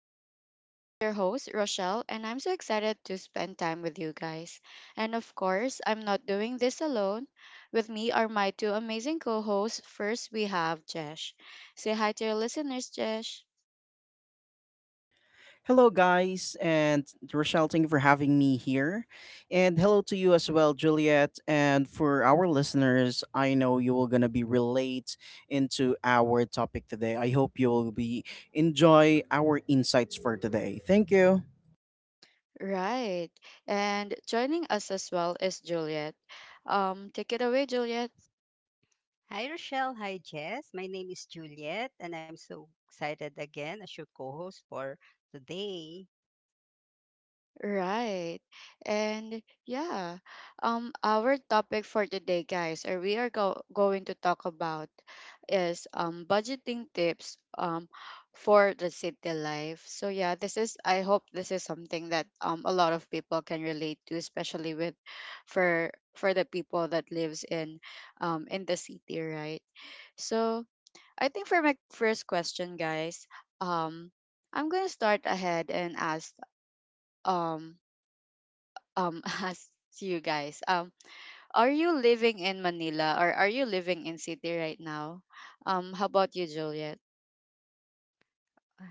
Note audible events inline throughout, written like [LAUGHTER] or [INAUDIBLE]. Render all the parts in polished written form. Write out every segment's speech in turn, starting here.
talks. I'm your host, Rochelle, and I'm so excited to spend time with you guys. And of course, I'm not doing this alone. With me are my two amazing co hosts. First, we have Jesh. Say hi to your listeners, Jesh. Hello, guys, and Rochelle, thank you for having me here. And hello to you as well, Juliet. And for our listeners, I know you will going to be relate into our topic today. I hope you will be enjoy our insights for today. Thank you. Right. And joining us as well is Juliet. Take it away, Juliet. Hi, Rochelle. Hi, Jess. My name is Juliet, and I'm so excited again as your co host for today. Right. And yeah, our topic for today guys or we are going to talk about is budgeting tips for the city life. So yeah, this is I hope this is something that a lot of people can relate to, especially with for the people that lives in the city, right? So I think for my first question guys, um I'm going to start ahead and ask um [LAUGHS] ask you guys, are you living in manila or are you living in city right now? How about you juliet?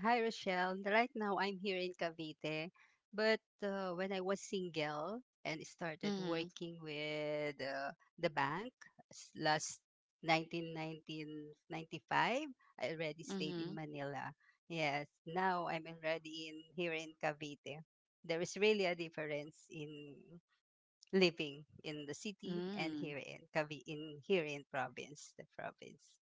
Hi, Rochelle. Right now, I'm here in Cavite, but when I was single and started Mm-hmm. working with the bank last 1995, I already stayed in Mm-hmm. Manila. Yes, now I'm already in here in Cavite. There is really a difference in living in the city and Mm, here in province, the province.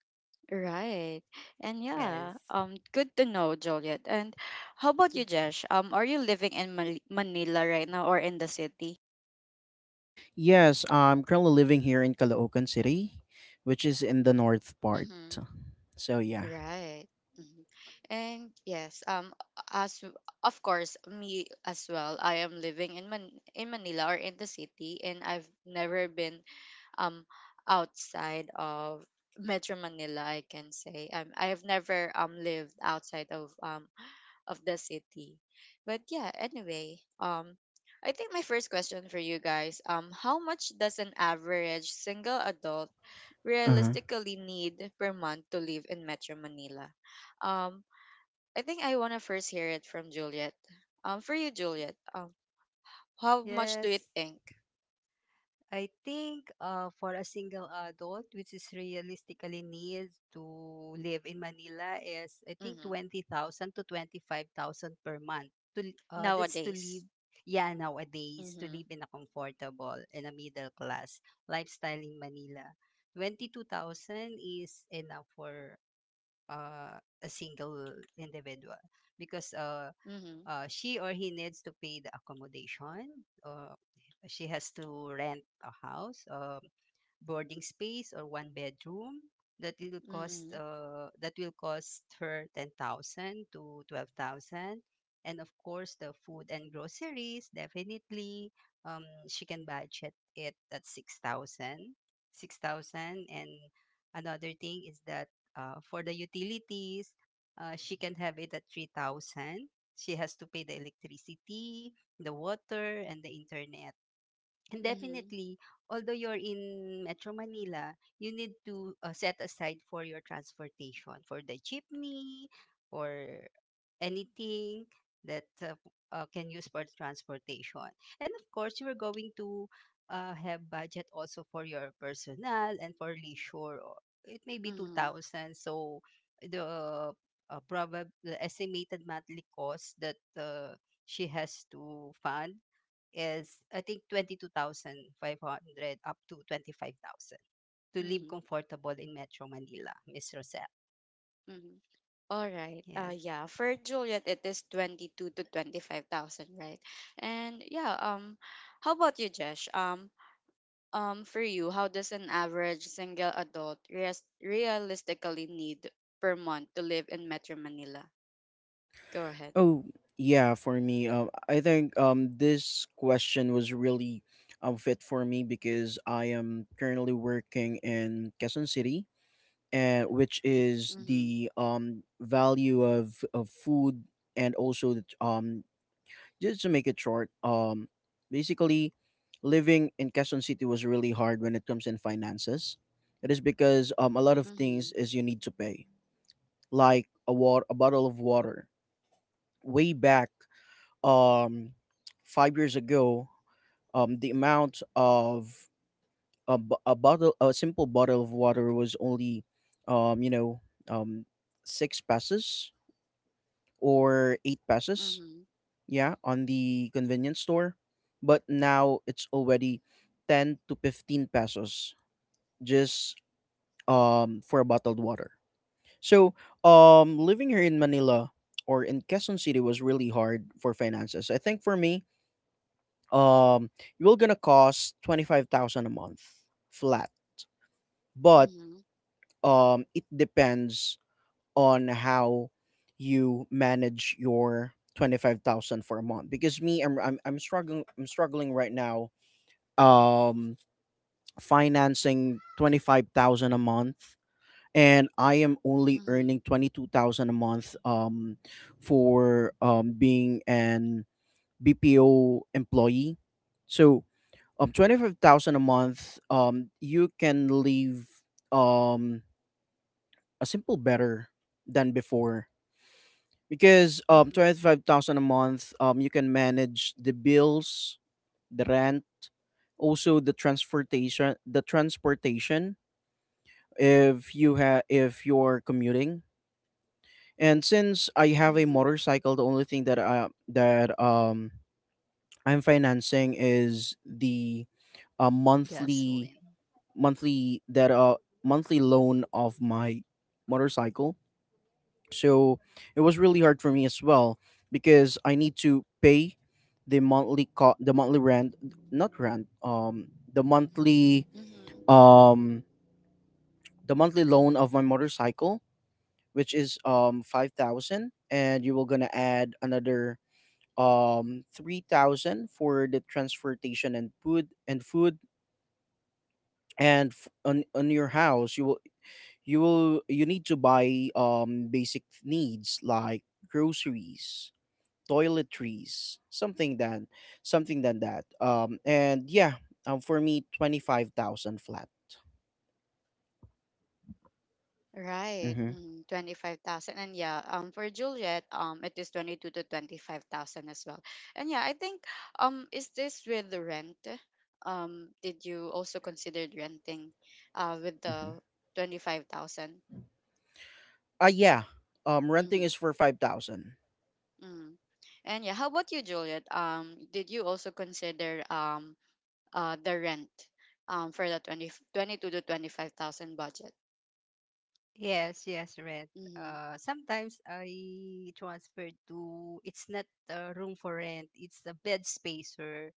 right. And yeah, Yes. Good to know juliet. And how about you Yeah. jesh? Are you living in manila right now or in the city? Yes, I'm currently living here in Caloocan City, which is in the north part. Mm-hmm. So, yeah. Right. Hmm. And yes, as w- of course me as well, I am living in manila or in the city, and I've never been um outside of Metro Manila, I can say. I have never lived outside of the city. But yeah, anyway, I think my first question for you guys, how much does an average single adult realistically need per month to live in Metro Manila? Um I think I want to first hear it from Juliet. For you Juliet, how much do you Yes. think? I think for a single adult, which is realistically needs to live in Manila, is I think Mhm. 20,000 to 25,000 per month. That's to Nowadays. live, yeah, nowadays, to Mhm. live in a comfortable and a middle class lifestyle in Manila. 22,000 is enough for uh, a single individual, because Mhm. She or he needs to pay the accommodation, or she has to rent a house. Boarding space or one bedroom, that will cost Mm. that will cost her 10,000 to 12,000. And of course, the food and groceries definitely, she can budget it at six thousand, and another thing is that for the utilities, she can have it at 3,000. She has to pay the electricity, the water, and the internet. And Mhm. definitely, although you're in Metro Manila, you need to set aside for your transportation, for the jeepney, for anything that can use for transportation. And of course, you're going to have budget also for your personal and for leisure. It may be Mhm. 2,000. So the uh, the estimated monthly cost that she has to fund is I think 22,500 up to 25,000, to live Mhm. comfortable in Metro Manila, Miss Rosette. Mhm. All right. Yes, Yeah. For Juliet, it is 22 to 25,000, right? And yeah. How about you, Jesh? For you, how does an average single adult realistically need per month to live in Metro Manila? Go ahead. Oh, yeah, for me, I think this question was really fit for me because I am currently working in Quezon City, and which is Mhm. the value of food and also the, just to make it short, basically living in Quezon City was really hard when it comes in finances. It is because a lot of things Mhm. is you need to pay, like a water, a bottle of water. Way back um, 5 years ago, the amount of a bottle, a simple bottle of water was only, um, you know, um, six pesos or eight pesos, Mhm. yeah, on the convenience store. But now it's already 10 to 15 pesos just for a bottled water. So living here in Manila or in Quezon City was really hard for finances. I think for me, um you're gonna cost 25,000 a month flat, but Mhm. It depends on how you manage your 25,000 for a month, because me I'm struggling, I'm struggling right now, um financing 25,000 a month, and I am only Mhm. earning 22,000 a month, for being an bpo employee. So 25,000 a month, you can live um a simple better than before, because Mhm. 25,000 a month, you can manage the bills, the rent, also the transportation if you have, if you're commuting. And since I have a Mhm. motorcycle, the only thing that I'm financing is the uh, monthly gasoline. monthly that uh monthly loan of my motorcycle. So it was really hard for me as well, because I need to pay the monthly rent, not rent, Mhm. um the monthly loan of my motorcycle, which is 5,000, and you will gonna add another 3,000 for the transportation and food and on your house you will, you will, you need to buy basic needs like groceries, toiletries, something than that. And yeah, for me, 25,000 flat. Right. Mm-hmm. Mm, 25,000. And yeah, for Juliet, it is 22 to 25,000 as well. And yeah, I think is this with the rent? Did you also consider renting with Mm-hmm. the 25,000? Yeah, renting Mhm. is for 5,000. Mm. And yeah, how about you, Juliet? Did you also consider the rent for the 22 to 25,000 budget? Yes, yes, rent. Mhm. Sometimes I transfer to, it's not a room for rent, it's a bed spacer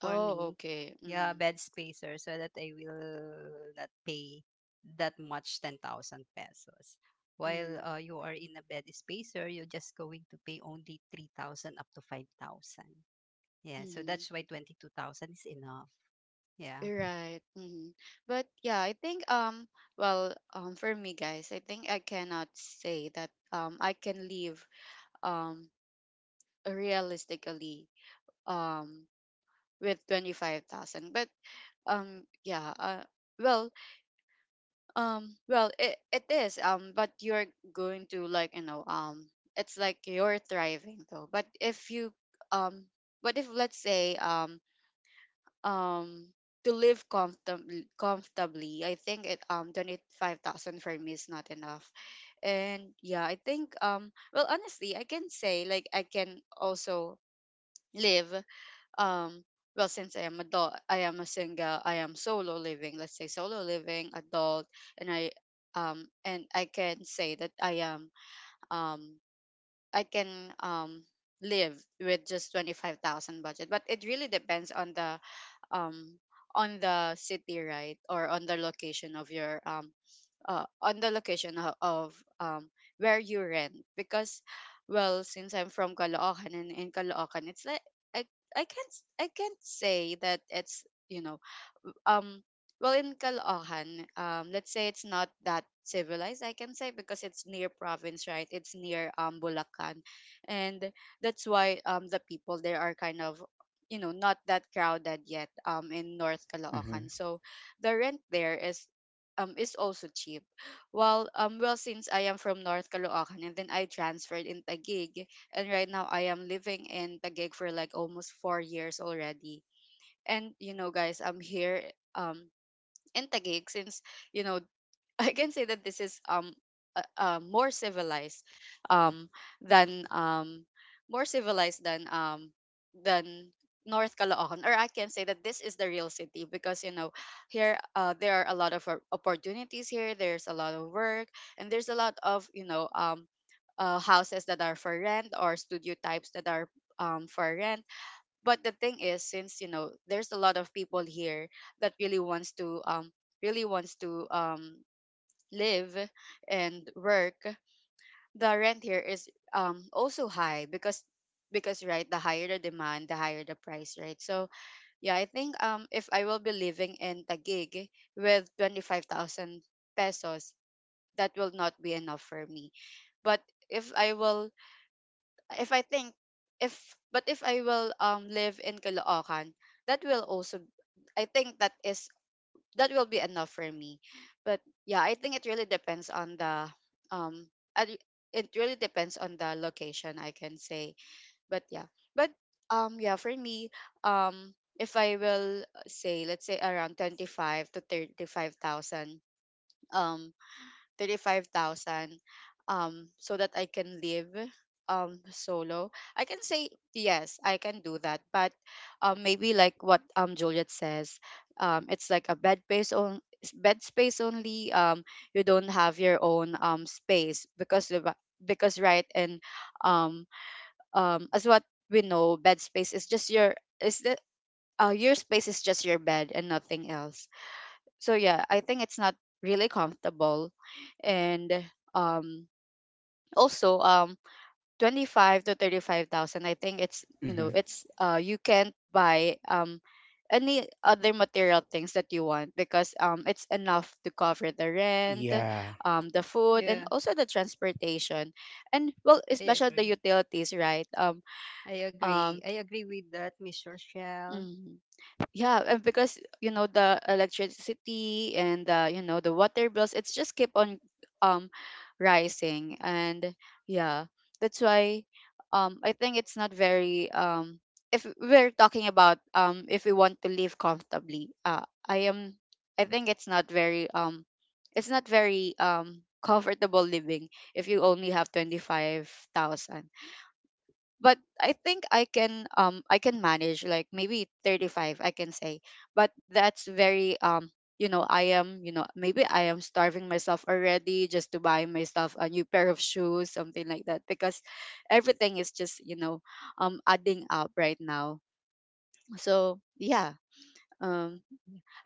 for Oh, me. okay. Yeah, Mhm. bed spacer, so that I will not pay that much 10,000 pesos. While Mhm. You are in a bed spacer, you're just going to pay only 3,000 up to 5,000. Yeah, so Mhm. that's why 22,000 is enough. Yeah. Right. Hmm. But yeah, I think for me guys, I think I cannot say that I can live um realistically um with 25,000. But um yeah, uh well well it is but you're going to, like you know, it's like you're thriving though. But if you um but if let's say um to live comfortably I think it 25,000 for me is not enough. And yeah I think, honestly I can say like I can also live, um since I am adult I am a single, I am solo living, let's say solo living adult, and i and I can say that I am um I can um live with just 25,000 budget, but it really depends um on the city, right, or on the location of your on the location of um where you rent. Because well since I'm from Caloocan and in Caloocan it's like I I can't say that it's, you know, w- um well in Caloocan let's say it's not that civilized I can say, because it's near province right, it's near Bulacan, and that's why the people there are kind of, you know, not that crowded yet in North Caloocan. Mm-hmm. So the rent there is also cheap. Well, since I am from North Caloocan and then I transferred in Taguig, and right now I am living in Taguig for like almost 4 years already. And you know guys, I'm here um in Taguig since, you know, I can say that this is more civilized um than um than than North Caloocan. Or I can say that this is the real city because, you know, here there are a lot of opportunities here, there's a lot of work, and there's a lot of, you know, houses that are for rent or studio types that are for rent. But the thing is, since you know there's a lot of people here that really wants to live and work, the rent here is also high. Because right, the higher the demand the higher the price right. So yeah I think if I will be living in Taguig with 25,000 pesos, that will not be enough for me. But if I will if I think if but if I will live in Caloocan, that will also, I think that is, that will be enough for me. But yeah, I think it really depends on the um at- it really depends on the location I can say. But yeah. But yeah, for me, if I will say, let's say around 25 to 35,000, um 35,000, so that I can live solo. I can say yes, I can do that, but maybe like what Juliet says, it's like a bed space on bed space only. You don't have your own space because the ba- because right and um as what we know, bed space is just your is the your space is just your bed and nothing else. So yeah I think it's not really comfortable. And um also 25 to 35,000, I think it's, you Mm-hmm. know, it's, you can't buy any other material things that you want, because it's enough to cover the rent, Yeah. The food, and Yeah, also the transportation, and well I especially the agree. utilities right. I um agree. I agree with that, Miss Rochelle. mm, yeah, and because you know the electricity and, you know the water bills, it's just keep on um rising. And yeah, that's why I think it's not very, if we're talking about if we want to live comfortably, I think it's not very comfortable living if you only have 25,000. But I think I can manage like maybe 35 I can say. But that's very you know, I am, you know, maybe I am starving myself already just to buy myself a new pair of shoes something like that, because everything is just, you know, adding up right now. So yeah, um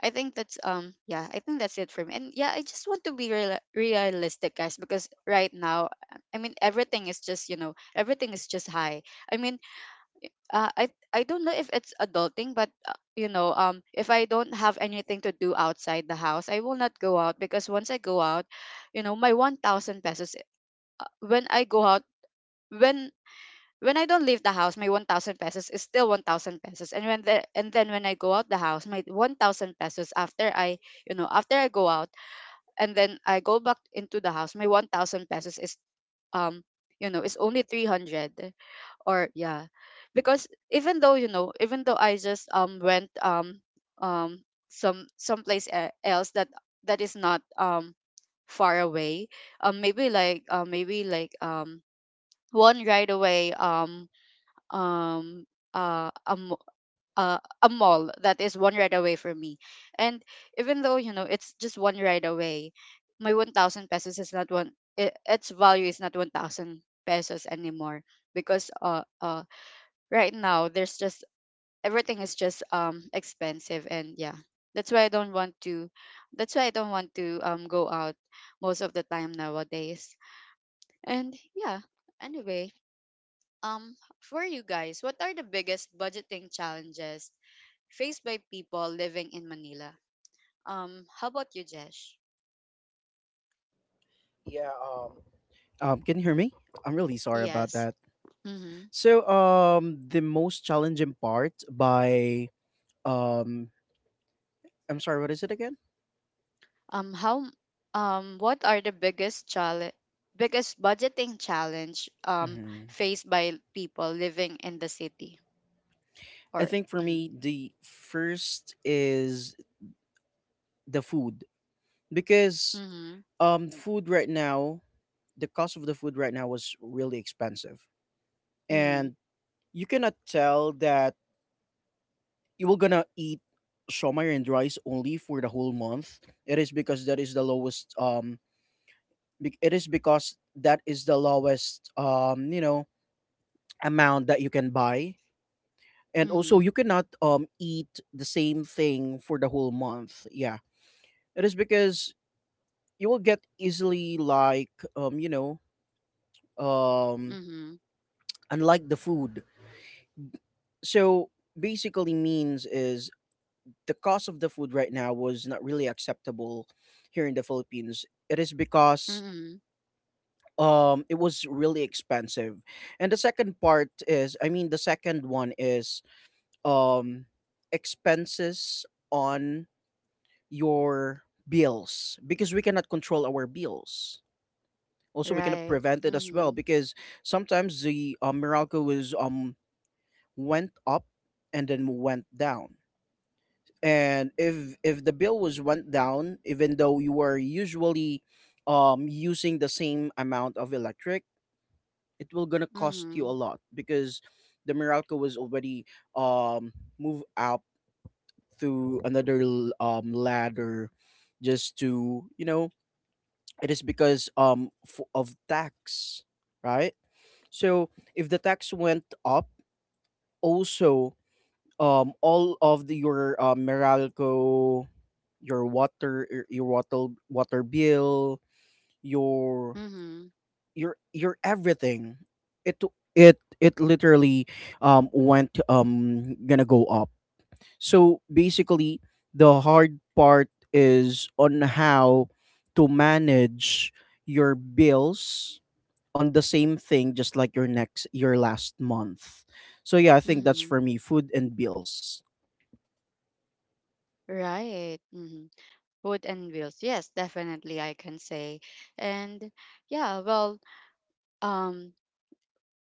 I think that's yeah I think that's it for me. And yeah I just want to be realistic guys, because right now, I mean everything is just, you know, everything is just high. I mean, I don't know if it's adulting, but, you know, if I don't have anything to do outside the house, I will not go out. Because once I go out, you know, my 1,000 pesos, when I go out when when I don't leave the house, my 1,000 pesos is still 1,000 pesos. And when the and then when I go out the house, my 1,000 pesos, after I, you know, after I go out and then I go back into the house, my 1,000 pesos is, um you know, is only 300. Or yeah, because even though, you know, even though I just went um some someplace else that that is not far away, maybe like, one ride away, um uh a, mo- a mall that is one ride away from me, and even though, you know, it's just one ride away, my 1000 pesos is not its value is not 1000 pesos anymore. Because, right now there's just, everything is just expensive. And yeah, that's why I don't want to, that's why I don't want to go out most of the time nowadays. And yeah, anyway, for you guys, what are the biggest budgeting challenges faced by people living in manila? How about you jesh? Yeah. Can you hear me? I'm really sorry about Yes. that. So the most challenging part by um I'm sorry, what is it again? How what are the biggest challenge, biggest budgeting challenge, Mhm. faced by people living in the city, I or? think for Mm-hmm. me the first is the food, because Mm-hmm. Food right now, the cost of the food right now was really expensive. Mm-hmm. And you cannot tell that you were gonna eat shomai and rice only for the whole month. It is because that is the lowest it is because that is the lowest, you know amount that you can buy. And also Mm-hmm. you cannot eat the same thing for the whole month, yeah. It is because you will get easily like, um you know um Mm-hmm. unlike the food. So basically means is the cost of the food right now was not really acceptable here in the philippines. It is because Mm-hmm. It was really expensive. And the second part is, the second one is um expenses on your bills, because we cannot control our bills, also we cannot Right. prevent it as well. Mm-hmm. Because sometimes the meralco was went up and then went down. And if the bill was went down, even though you were usually using the same amount of electric, it will gonna cost you a Mm-hmm. lot, because the meralco was already um move up through another ladder, just to you know, it is because of tax, right. So if the tax went up, also all of the, your Meralco, your water, your water bill, your Mm-hmm. Your everything, it it literally went gonna go up. So basically, the hard part is on how to manage your bills on the same thing just like your last month. So yeah, I think that's Mm-hmm. for me, food and bills. [LAUGHS] Right. Mm-hmm. Food and bills, yes definitely I can say. And yeah, well, um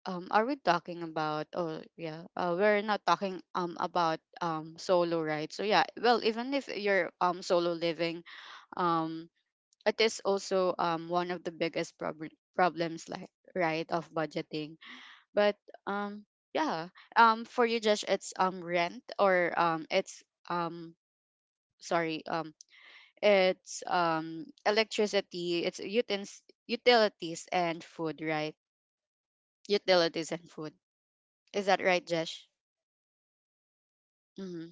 are we talking about, oh yeah, we're not talking about solo, right? So yeah, well even if you're solo living, um it is also one of the biggest problems like, right, of budgeting. But um yeah, for you, Josh, it's rent or it's um sorry it's electricity, it's utilities and food, right? Utilities and food, is that right, Josh? Mm-hmm.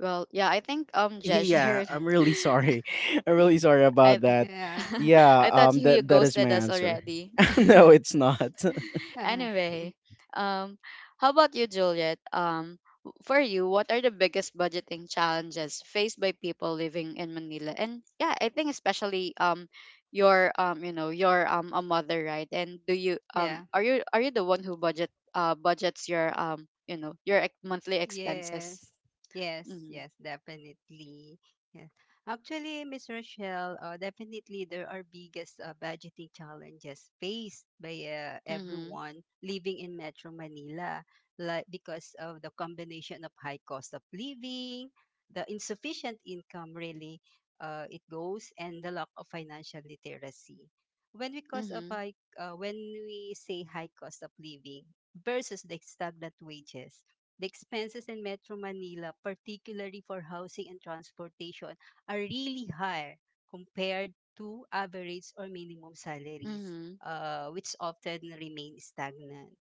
Well, yeah, I think Jesh Yeah, here. I'm really sorry. [LAUGHS] I'm really [LAUGHS] sorry I about that. Yeah. [LAUGHS] Yeah, I thought you that that is my ghosted us answer. already. [LAUGHS] No, it's not. [LAUGHS] [LAUGHS] Anyway, um how about you, Juliet? For you, what are the biggest budgeting challenges faced by people living in Manila? And yeah, I think especially you know, your a mother, right? And do you Yeah. Are you the one who budgets you know, your monthly expenses? Yes, yes, Mhm. yes, definitely. Yeah. Actually, Miss Rochelle, definitely there are biggest budgeting challenges faced by Mhm. everyone living in Metro Manila, like because of the combination of high cost of living, the insufficient income, really, it goes, and the lack of financial literacy. When we cause of Mhm. high, uh, when we say high cost of living versus the stagnant wages, the expenses in Metro Manila, particularly for housing and transportation, are really higher compared to average or minimum salaries, Mhm. Which often remain stagnant.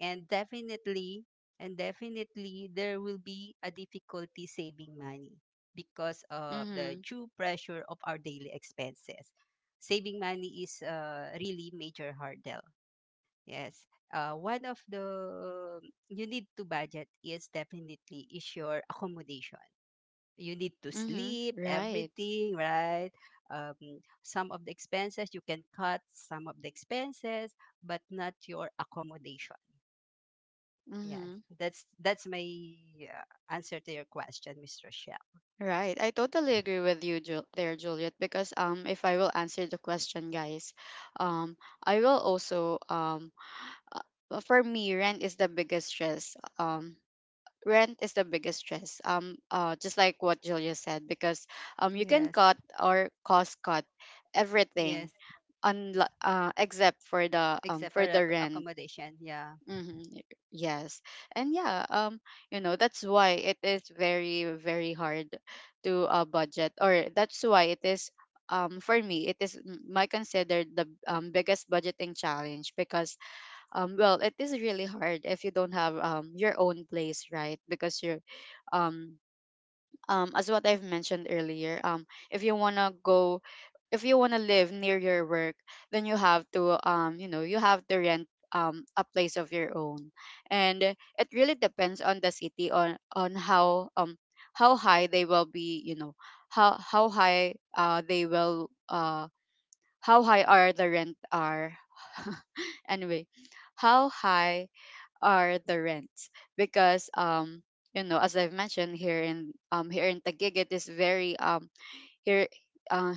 And definitely, there will be a difficulty saving money because of the Mhm. true pressure of our daily expenses. Saving money is really major hurdle. Yes. One of the you need to budget is definitely is your accommodation. You need to Mm-hmm. sleep, Right. everything, right? Um, some of the expenses you can cut, some of the expenses, but not your accommodation. Yes, Mm-hmm. that's my uh, answer to your question, Miss Rochelle. Right. I totally agree with you, there, Juliet, because if I will answer the question, guys, um I will also uh, for me, rent is the biggest stress. Rent is the biggest stress. Just like what Julia said, because you can Yes, cut or cost cut yes, everything, un- except for except for the rent. accommodation. Yeah. Mm-hmm. Yes. And yeah, you know, that's why it is very, very hard to budget, or that's why it is, for me, it is my considered the biggest budgeting challenge because, well, it is really hard if you don't have your own place, right? Um, as what I've mentioned earlier, if you wanna go, if you wanna live near your work, then you have to, you know, you have to rent a place of your own, and it really depends on the city, on how high they will be, you know, how high they will how high are the rent are. [LAUGHS] Anyway, how high are the rents, because you know, as I've mentioned, here in here in Taguig it is very here uh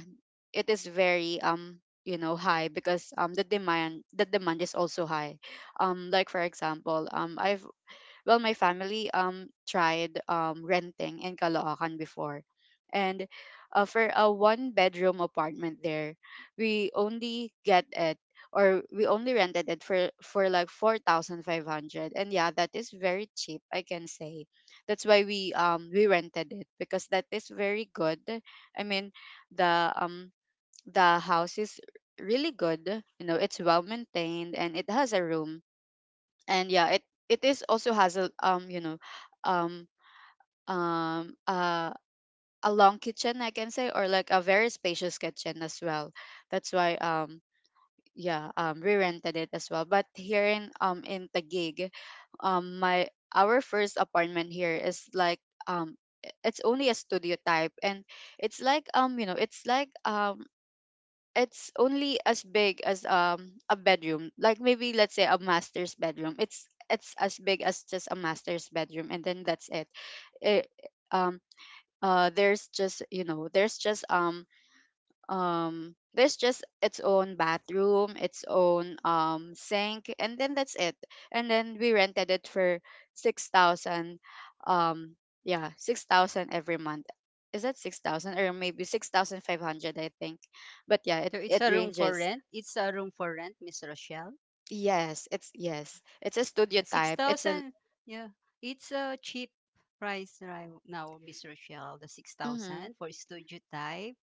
it is very you know high, because the demand is also high. Like for example, I've well, my family tried renting in Caloocan before. And for a one bedroom apartment there, we only get it, or we only rented it for like 4,500. And yeah, that is very cheap, I can say. That's why we rented it, because that is very good. I mean, the um the house is really good. You know, it's well maintained and it has a room, and yeah, it is also has a you know, um um uh a long kitchen, I can say, or like a very spacious kitchen as well. That's why yeah, we rented it as well. But here in Taguig, my our first apartment here is like, um it's only a studio type, and it's like, you know, it's like, it's only as big as a bedroom, like, maybe let's say a master's bedroom. It's as big as just a master's bedroom, and then that's it. it um there's just, you know, there's just its own bathroom, its own sink, and then that's it. And then we rented it for 6,000, um yeah, 6,000 every month. Is that 6,000, or maybe 6,500, I think? But yeah, So it's it a room for ranges. rent. It's a room for rent, Miss Rochelle. Yes, it's yes, it's a studio Six type, it's a thousand. Yeah, it's a cheap price right now, Miss Rochelle. The six mhm. thousand for studio type.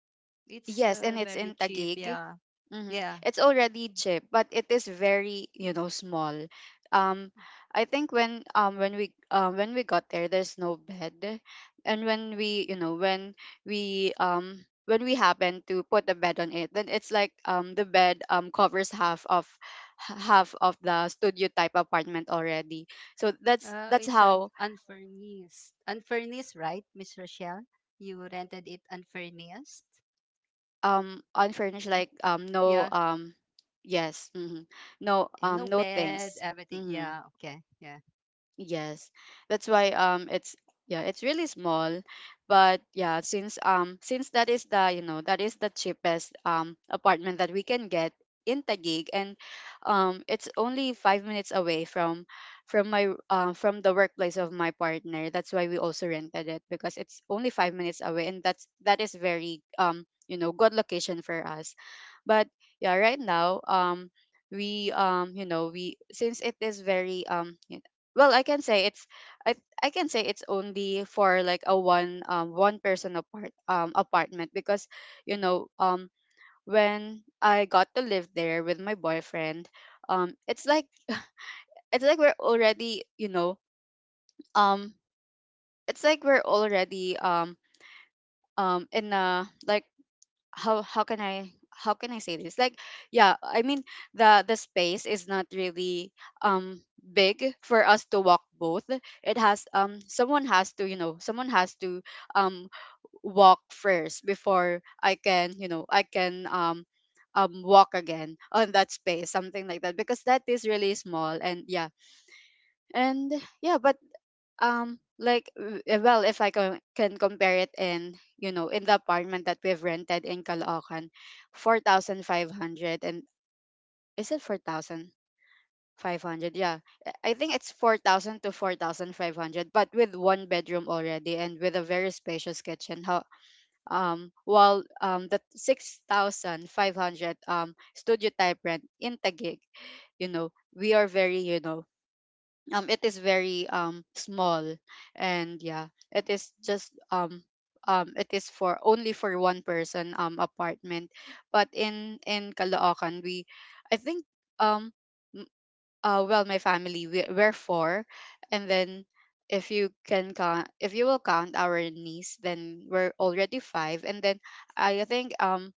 It's Yes, and it's very in cheap. Taguig. Yeah, Hmm, yeah. it's already cheap, but it is very, you Mm. know, small. Um, I think when when we got there, there's no bed, and when we, you know, when we happen to put a bed on it, then it's like the bed covers half of half of the studio type apartment already. So that's It's an how. unfurnished. Unfurnished, right, Miss Rochelle? You rented it unfurnished, Unfurnished, right? like no Yeah. Yes, mhm. No Yeah. No no bed, things. everything. Hmm. Yeah, okay. Yeah. Yes. That's why it's, yeah, it's really small. But yeah, since that is the, you know, that is the cheapest apartment that we can get in Taguig, and it's only 5 minutes away from my from the workplace of my partner. That's why we also rented it, because it's only 5 minutes away, and that is very you know, good location for us. But yeah, right now we you know, we, since it is very well, I can say it's, i I can say it's only for like a one one person apartment, because you know when I got to live there with my boyfriend, it's like, it's like we're already, you know, um it's like we're already in a, like, how can I, how can I say this? Like, yeah, I mean, the space is not really big for us to walk both. It has someone has to, you know, someone has to um walk first before I can, you know, I can walk again on that space, something like that, because that is really small, and yeah. And yeah, but well, if I can compare it in, you know, in the apartment that we've rented in Caloocan, 4,500, and is it 4,500? Yeah. Eh, I think it's 4,000 to 4,500, but with one bedroom already and with a very spacious kitchen. How while the 6,500 studio type rent in Taguig, you know, we are very, you know, it is very small, and yeah, it is just, it is for only for one person apartment. But in Caloocan, we, I think, um m- well, my family, we're four, and then if you can count, if you will count our niece, then we're already five. And then I think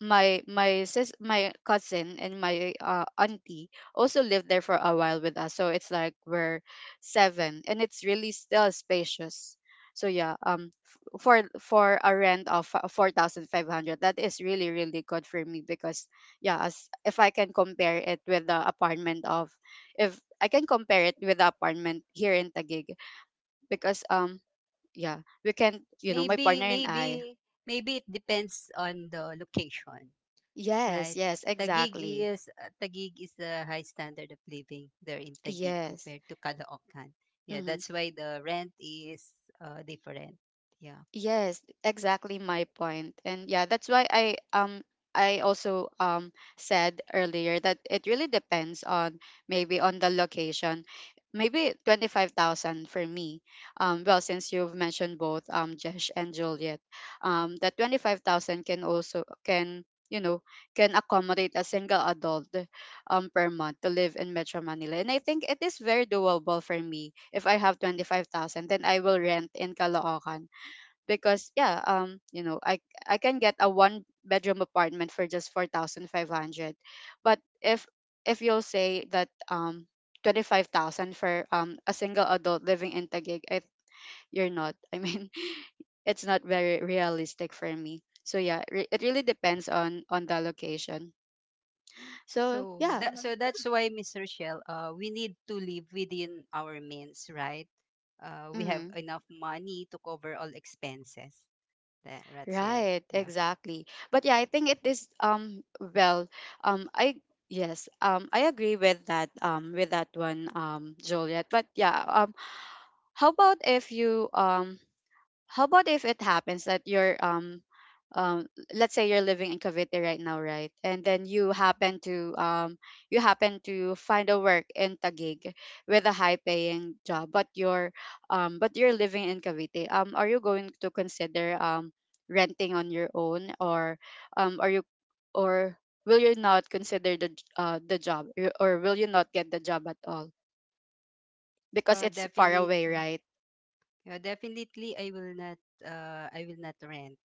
my my sis my cousin and my auntie also lived there for a while with us, so it's like we're seven, and it's really still spacious. So yeah, for a rent of 4,500, that is really, really good for me, because yeah, as if I can compare it with the apartment of, if I can compare it with the apartment here in Taguig, because yeah, we can, you know, my Maybe, partner and I, maybe, Maybe it depends on the location. yes, Right. yes, exactly, Taguig is the high standard of living there in Taguig yes. compared to Caloocan. Yeah, Mm-hmm. that's why the rent is different. Yeah. Yes, exactly my point. And yeah, that's why I also said earlier that it really depends on, maybe on the location. Maybe 25,000 for me. Well, since you've mentioned both Jesh and Juliet, that 25,000 can also, can, you know, can accommodate a single adult per month to live in Metro Manila. And I think it is very doable for me. If I have 25,000, then I will rent in Caloocan, because yeah, you know, I can get a one bedroom apartment for just 4,500. But if you'll say that 25,000 for a single adult living in Taguig, you're not, I mean, [LAUGHS] it's not very realistic for me. So yeah, it really depends on the location, so yeah, So that's why, Miss Rochelle, we need to live within our means, right? We have mhm. enough money to cover all expenses. The Red Seal. Right, Yeah. exactly. But yeah, I think it is well I yes, I agree with that one, Juliet. But yeah, how about if you um how about if it happens that you're, um let's say you're living in Cavite right now, right? And then you happen to find a work in Taguig with a high paying job, but you're living in Cavite. Are you going to consider renting on your own, or are you or will you not consider the the job, or will you not get the job at all, because it's far Definitely. away, right? Yeah, definitely I will not rent.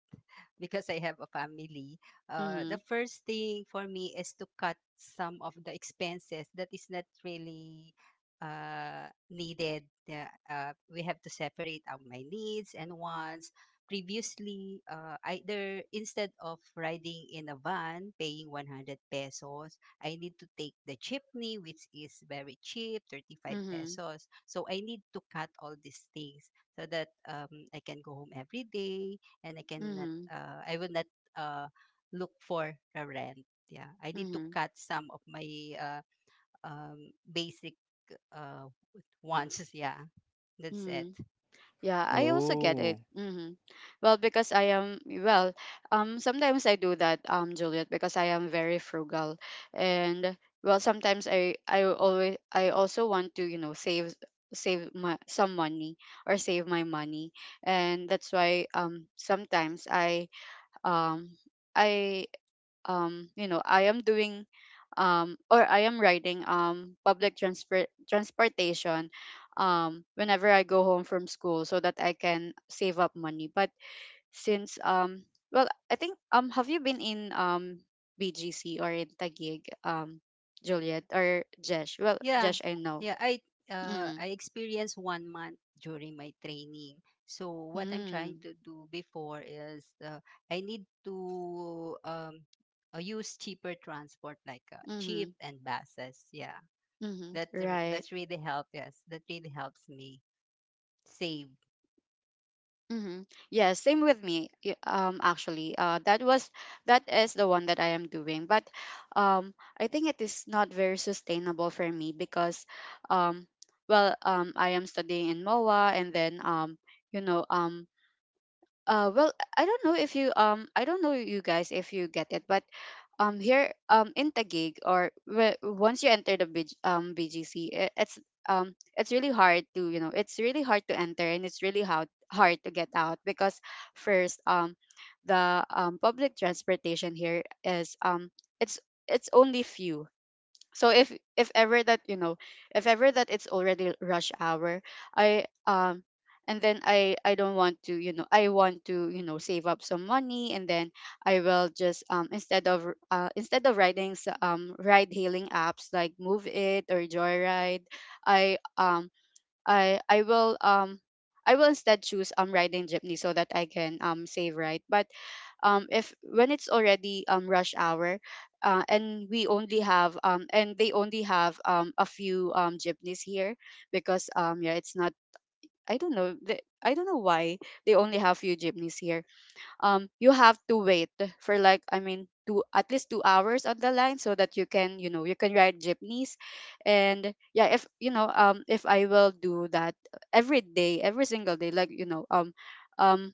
Because I have a family, the Mhm. first thing for me is to cut some of the expenses that is not really needed. Yeah. We have to separate out my needs and wants. Previously, either instead of riding in a van, paying 100 pesos, I need to take the jeepney, which is very cheap, 35 Mhm. pesos. So I need to cut all these things so that, I can go home every day, and Mhm. I will not uh, look for a rent. Yeah, I need to Mhm. cut some of my uh, basic uh, wants. [LAUGHS] Yeah, that's it. Mm, yeah, [LAUGHS] I also get Oh. it. Hmm. Well, because I am, well, sometimes I do that, Juliet, because I am very frugal, and well, sometimes I also want to, you know, save, save my some money, or save my money, and that's why sometimes um I you know, I am doing, or I am riding public transportation whenever I go home from school, so that I can save up money. But since well, I think, have you been in BGC or in Taguig, Juliet or Jesh? Well, Yeah, Jesh, I know. yeah. Mm, I experienced one month during my training. So what I'm trying mm, to do before is, I need to use cheaper transport like mm-hmm, jeep and buses. Yeah, mm-hmm, right. that's really help. Yes, that really helps me save. Mm-hmm. Yeah, same with me. Actually, that is the one that I am doing, but I think it is not very sustainable for me because, um, I am studying in MOA, and then you know, um, uh, well, I don't know if you I don't know you guys if you get it, but here in Taguig, or once you enter the BGC, it's really hard to, it's really hard to enter, and it's really hard to get out because first, the public transportation here is it's it's only few. So if ever that you know if ever that it's already rush hour, I and then I don't want to, I want to, save up some money, and then I will just, instead of, instead of ride hailing apps like Move It or Joyride. i um I I will um I will instead choose, riding jeepney, so that I can, save, right? But if when it's already, rush hour, and we only have and they only have, a few, jeepneys here because, yeah, it's not. I don't know why they only have few jeepneys here. You have to wait for, like, I mean, two at least 2 hours on the line so that you can ride jeepneys. And yeah, if, if I will do that every day, every single day, like, um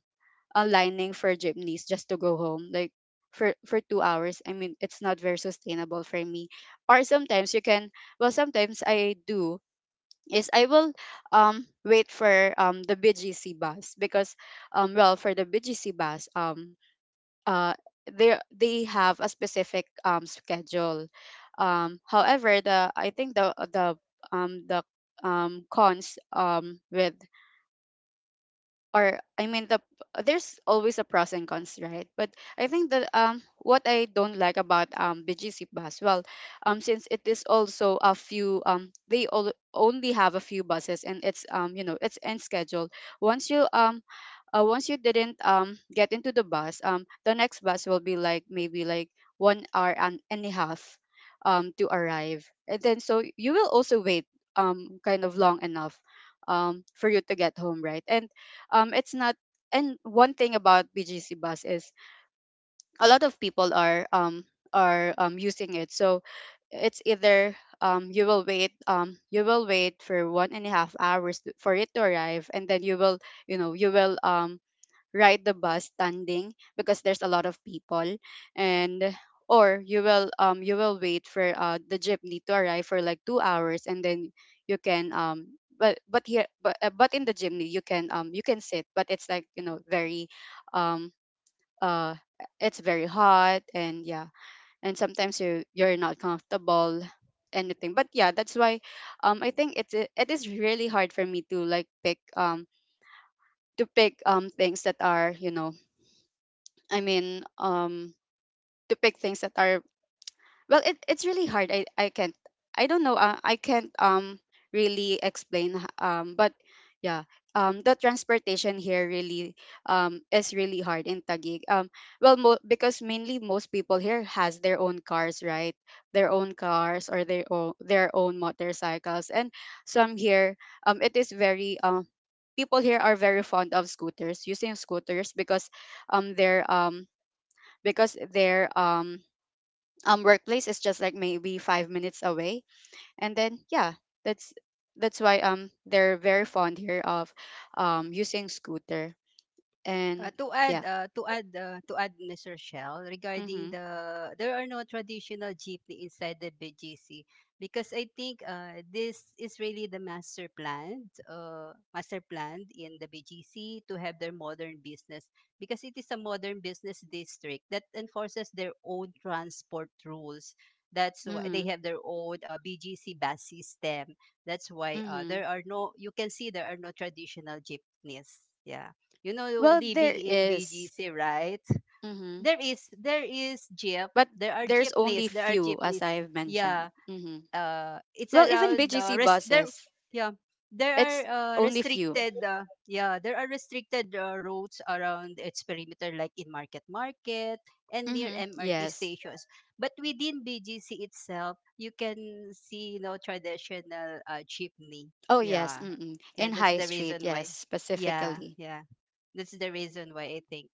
a lining for jeepneys just to go home, like for 2 hours. I mean, it's not very sustainable for me. Or sometimes you can, well, sometimes I do, is I will, wait for, the BGC bus, because, well, for the BGC bus, uh, they have a specific, schedule. However, the I think the cons, with, or I mean, there's always a pros and cons, right? But I think that, what I don't like about, BGC bus, well, since it is also a few, they all only have a few buses, and it's in schedule. Once you um once you didn't, get into the bus, the next bus will be like, maybe like, 1 hour and a half, to arrive, and then so you will also wait, kind of long enough, for you to get home, right? And, it's not. And one thing about BGC bus is, a lot of people are, using it. So it's either, you will wait for 1.5 hours for it to arrive, and then you will, you will, ride the bus standing, because there's a lot of people. And or you will, wait for, the jeepney to arrive for like 2 hours, and then you can, but here but in the jeepney you can sit, but it's like, very um uh it's very hot. And yeah, and sometimes you're not comfortable, anything. But yeah, that's why, I think it is really hard for me to, like, pick, to pick things that are, I mean, to pick things that are, well, it's really hard. I can't, I don't know. I can't, really explain. But yeah, the transportation here really, is really hard in Taguig. Well, because mainly most people here has their own cars, right? Their own cars, or their own motorcycles. And some here, it is very, people here are very fond of scooters, using scooters because they're because their workplace is just like, maybe, 5 minutes away. And then yeah, that's why, they're very fond here of, using scooter. And yeah. To add, Miss Rochelle, regarding Mhm. There are no traditional jeepney inside the BGC, because I think this is really the master plan, master plan in the BGC, to have their modern business, because it is a modern business district that enforces their own transport rules. That's why they Mhm. have their own BGC bus system. That's why Mhm. there are no, you can see there are no traditional jeepneys. Yeah, Well, living there in is. BGC, right? Mhm. There is jeep. But There are there's only jeepneys. There are few, as jeepneys. I've Yeah. mentioned. Mhm. It's Well, even around BGC there. buses, Yeah. There are it's only few. restricted. Yeah, there are restricted roads around its perimeter, like in Market Market and near Mhm. MRT Yes. stations. But within BGC itself, you can see no traditional jeepney. Oh yes. Yeah, Mm-mm. yeah, In that's High the Street, reason yes, why. Yeah, specifically. yeah. That's the reason why I think.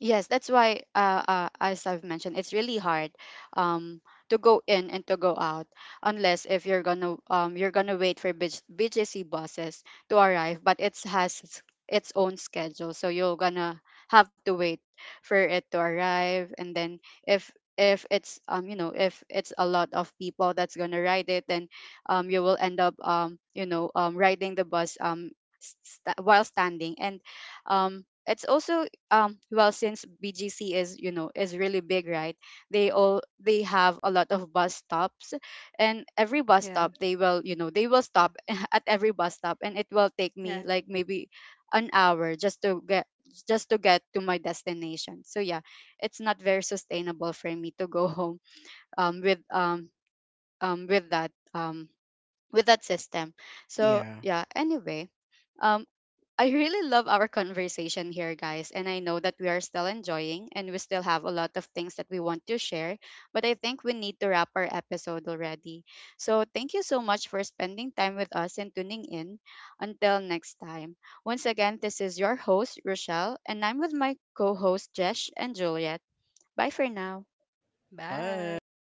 Yes, that's why, as I've mentioned, it's really hard, um, to go in and to go out, unless if you're gonna, you're gonna wait for B BGC buses to arrive, but it has its own schedule, so you're gonna have to wait for it to arrive. And then, if if it's you know if it's a lot of people that's gonna ride it, then, you will end up, riding the bus, while standing. And, it's also, since BGC is, is really big, right? They all they have a lot of bus stops, and every bus Yeah. stop they will, they will Yeah. stop [LAUGHS] at every bus stop, and it will take Yeah. me like, maybe, an hour just to get, just to get to my destination. So yeah, it's not very sustainable for me to go [LAUGHS] home, um with um um with that um with that system. So Yeah. yeah, anyway, um I really love our conversation here, guys. And I know that we are still enjoying and we still have a lot of things that we want to share. But I think we need to wrap our episode already. So thank you so much for spending time with us and tuning in. Until next time. Once again, this is your host, Rochelle, and I'm with my co host, Jesh and Juliet. Bye for now. Bye. Bye.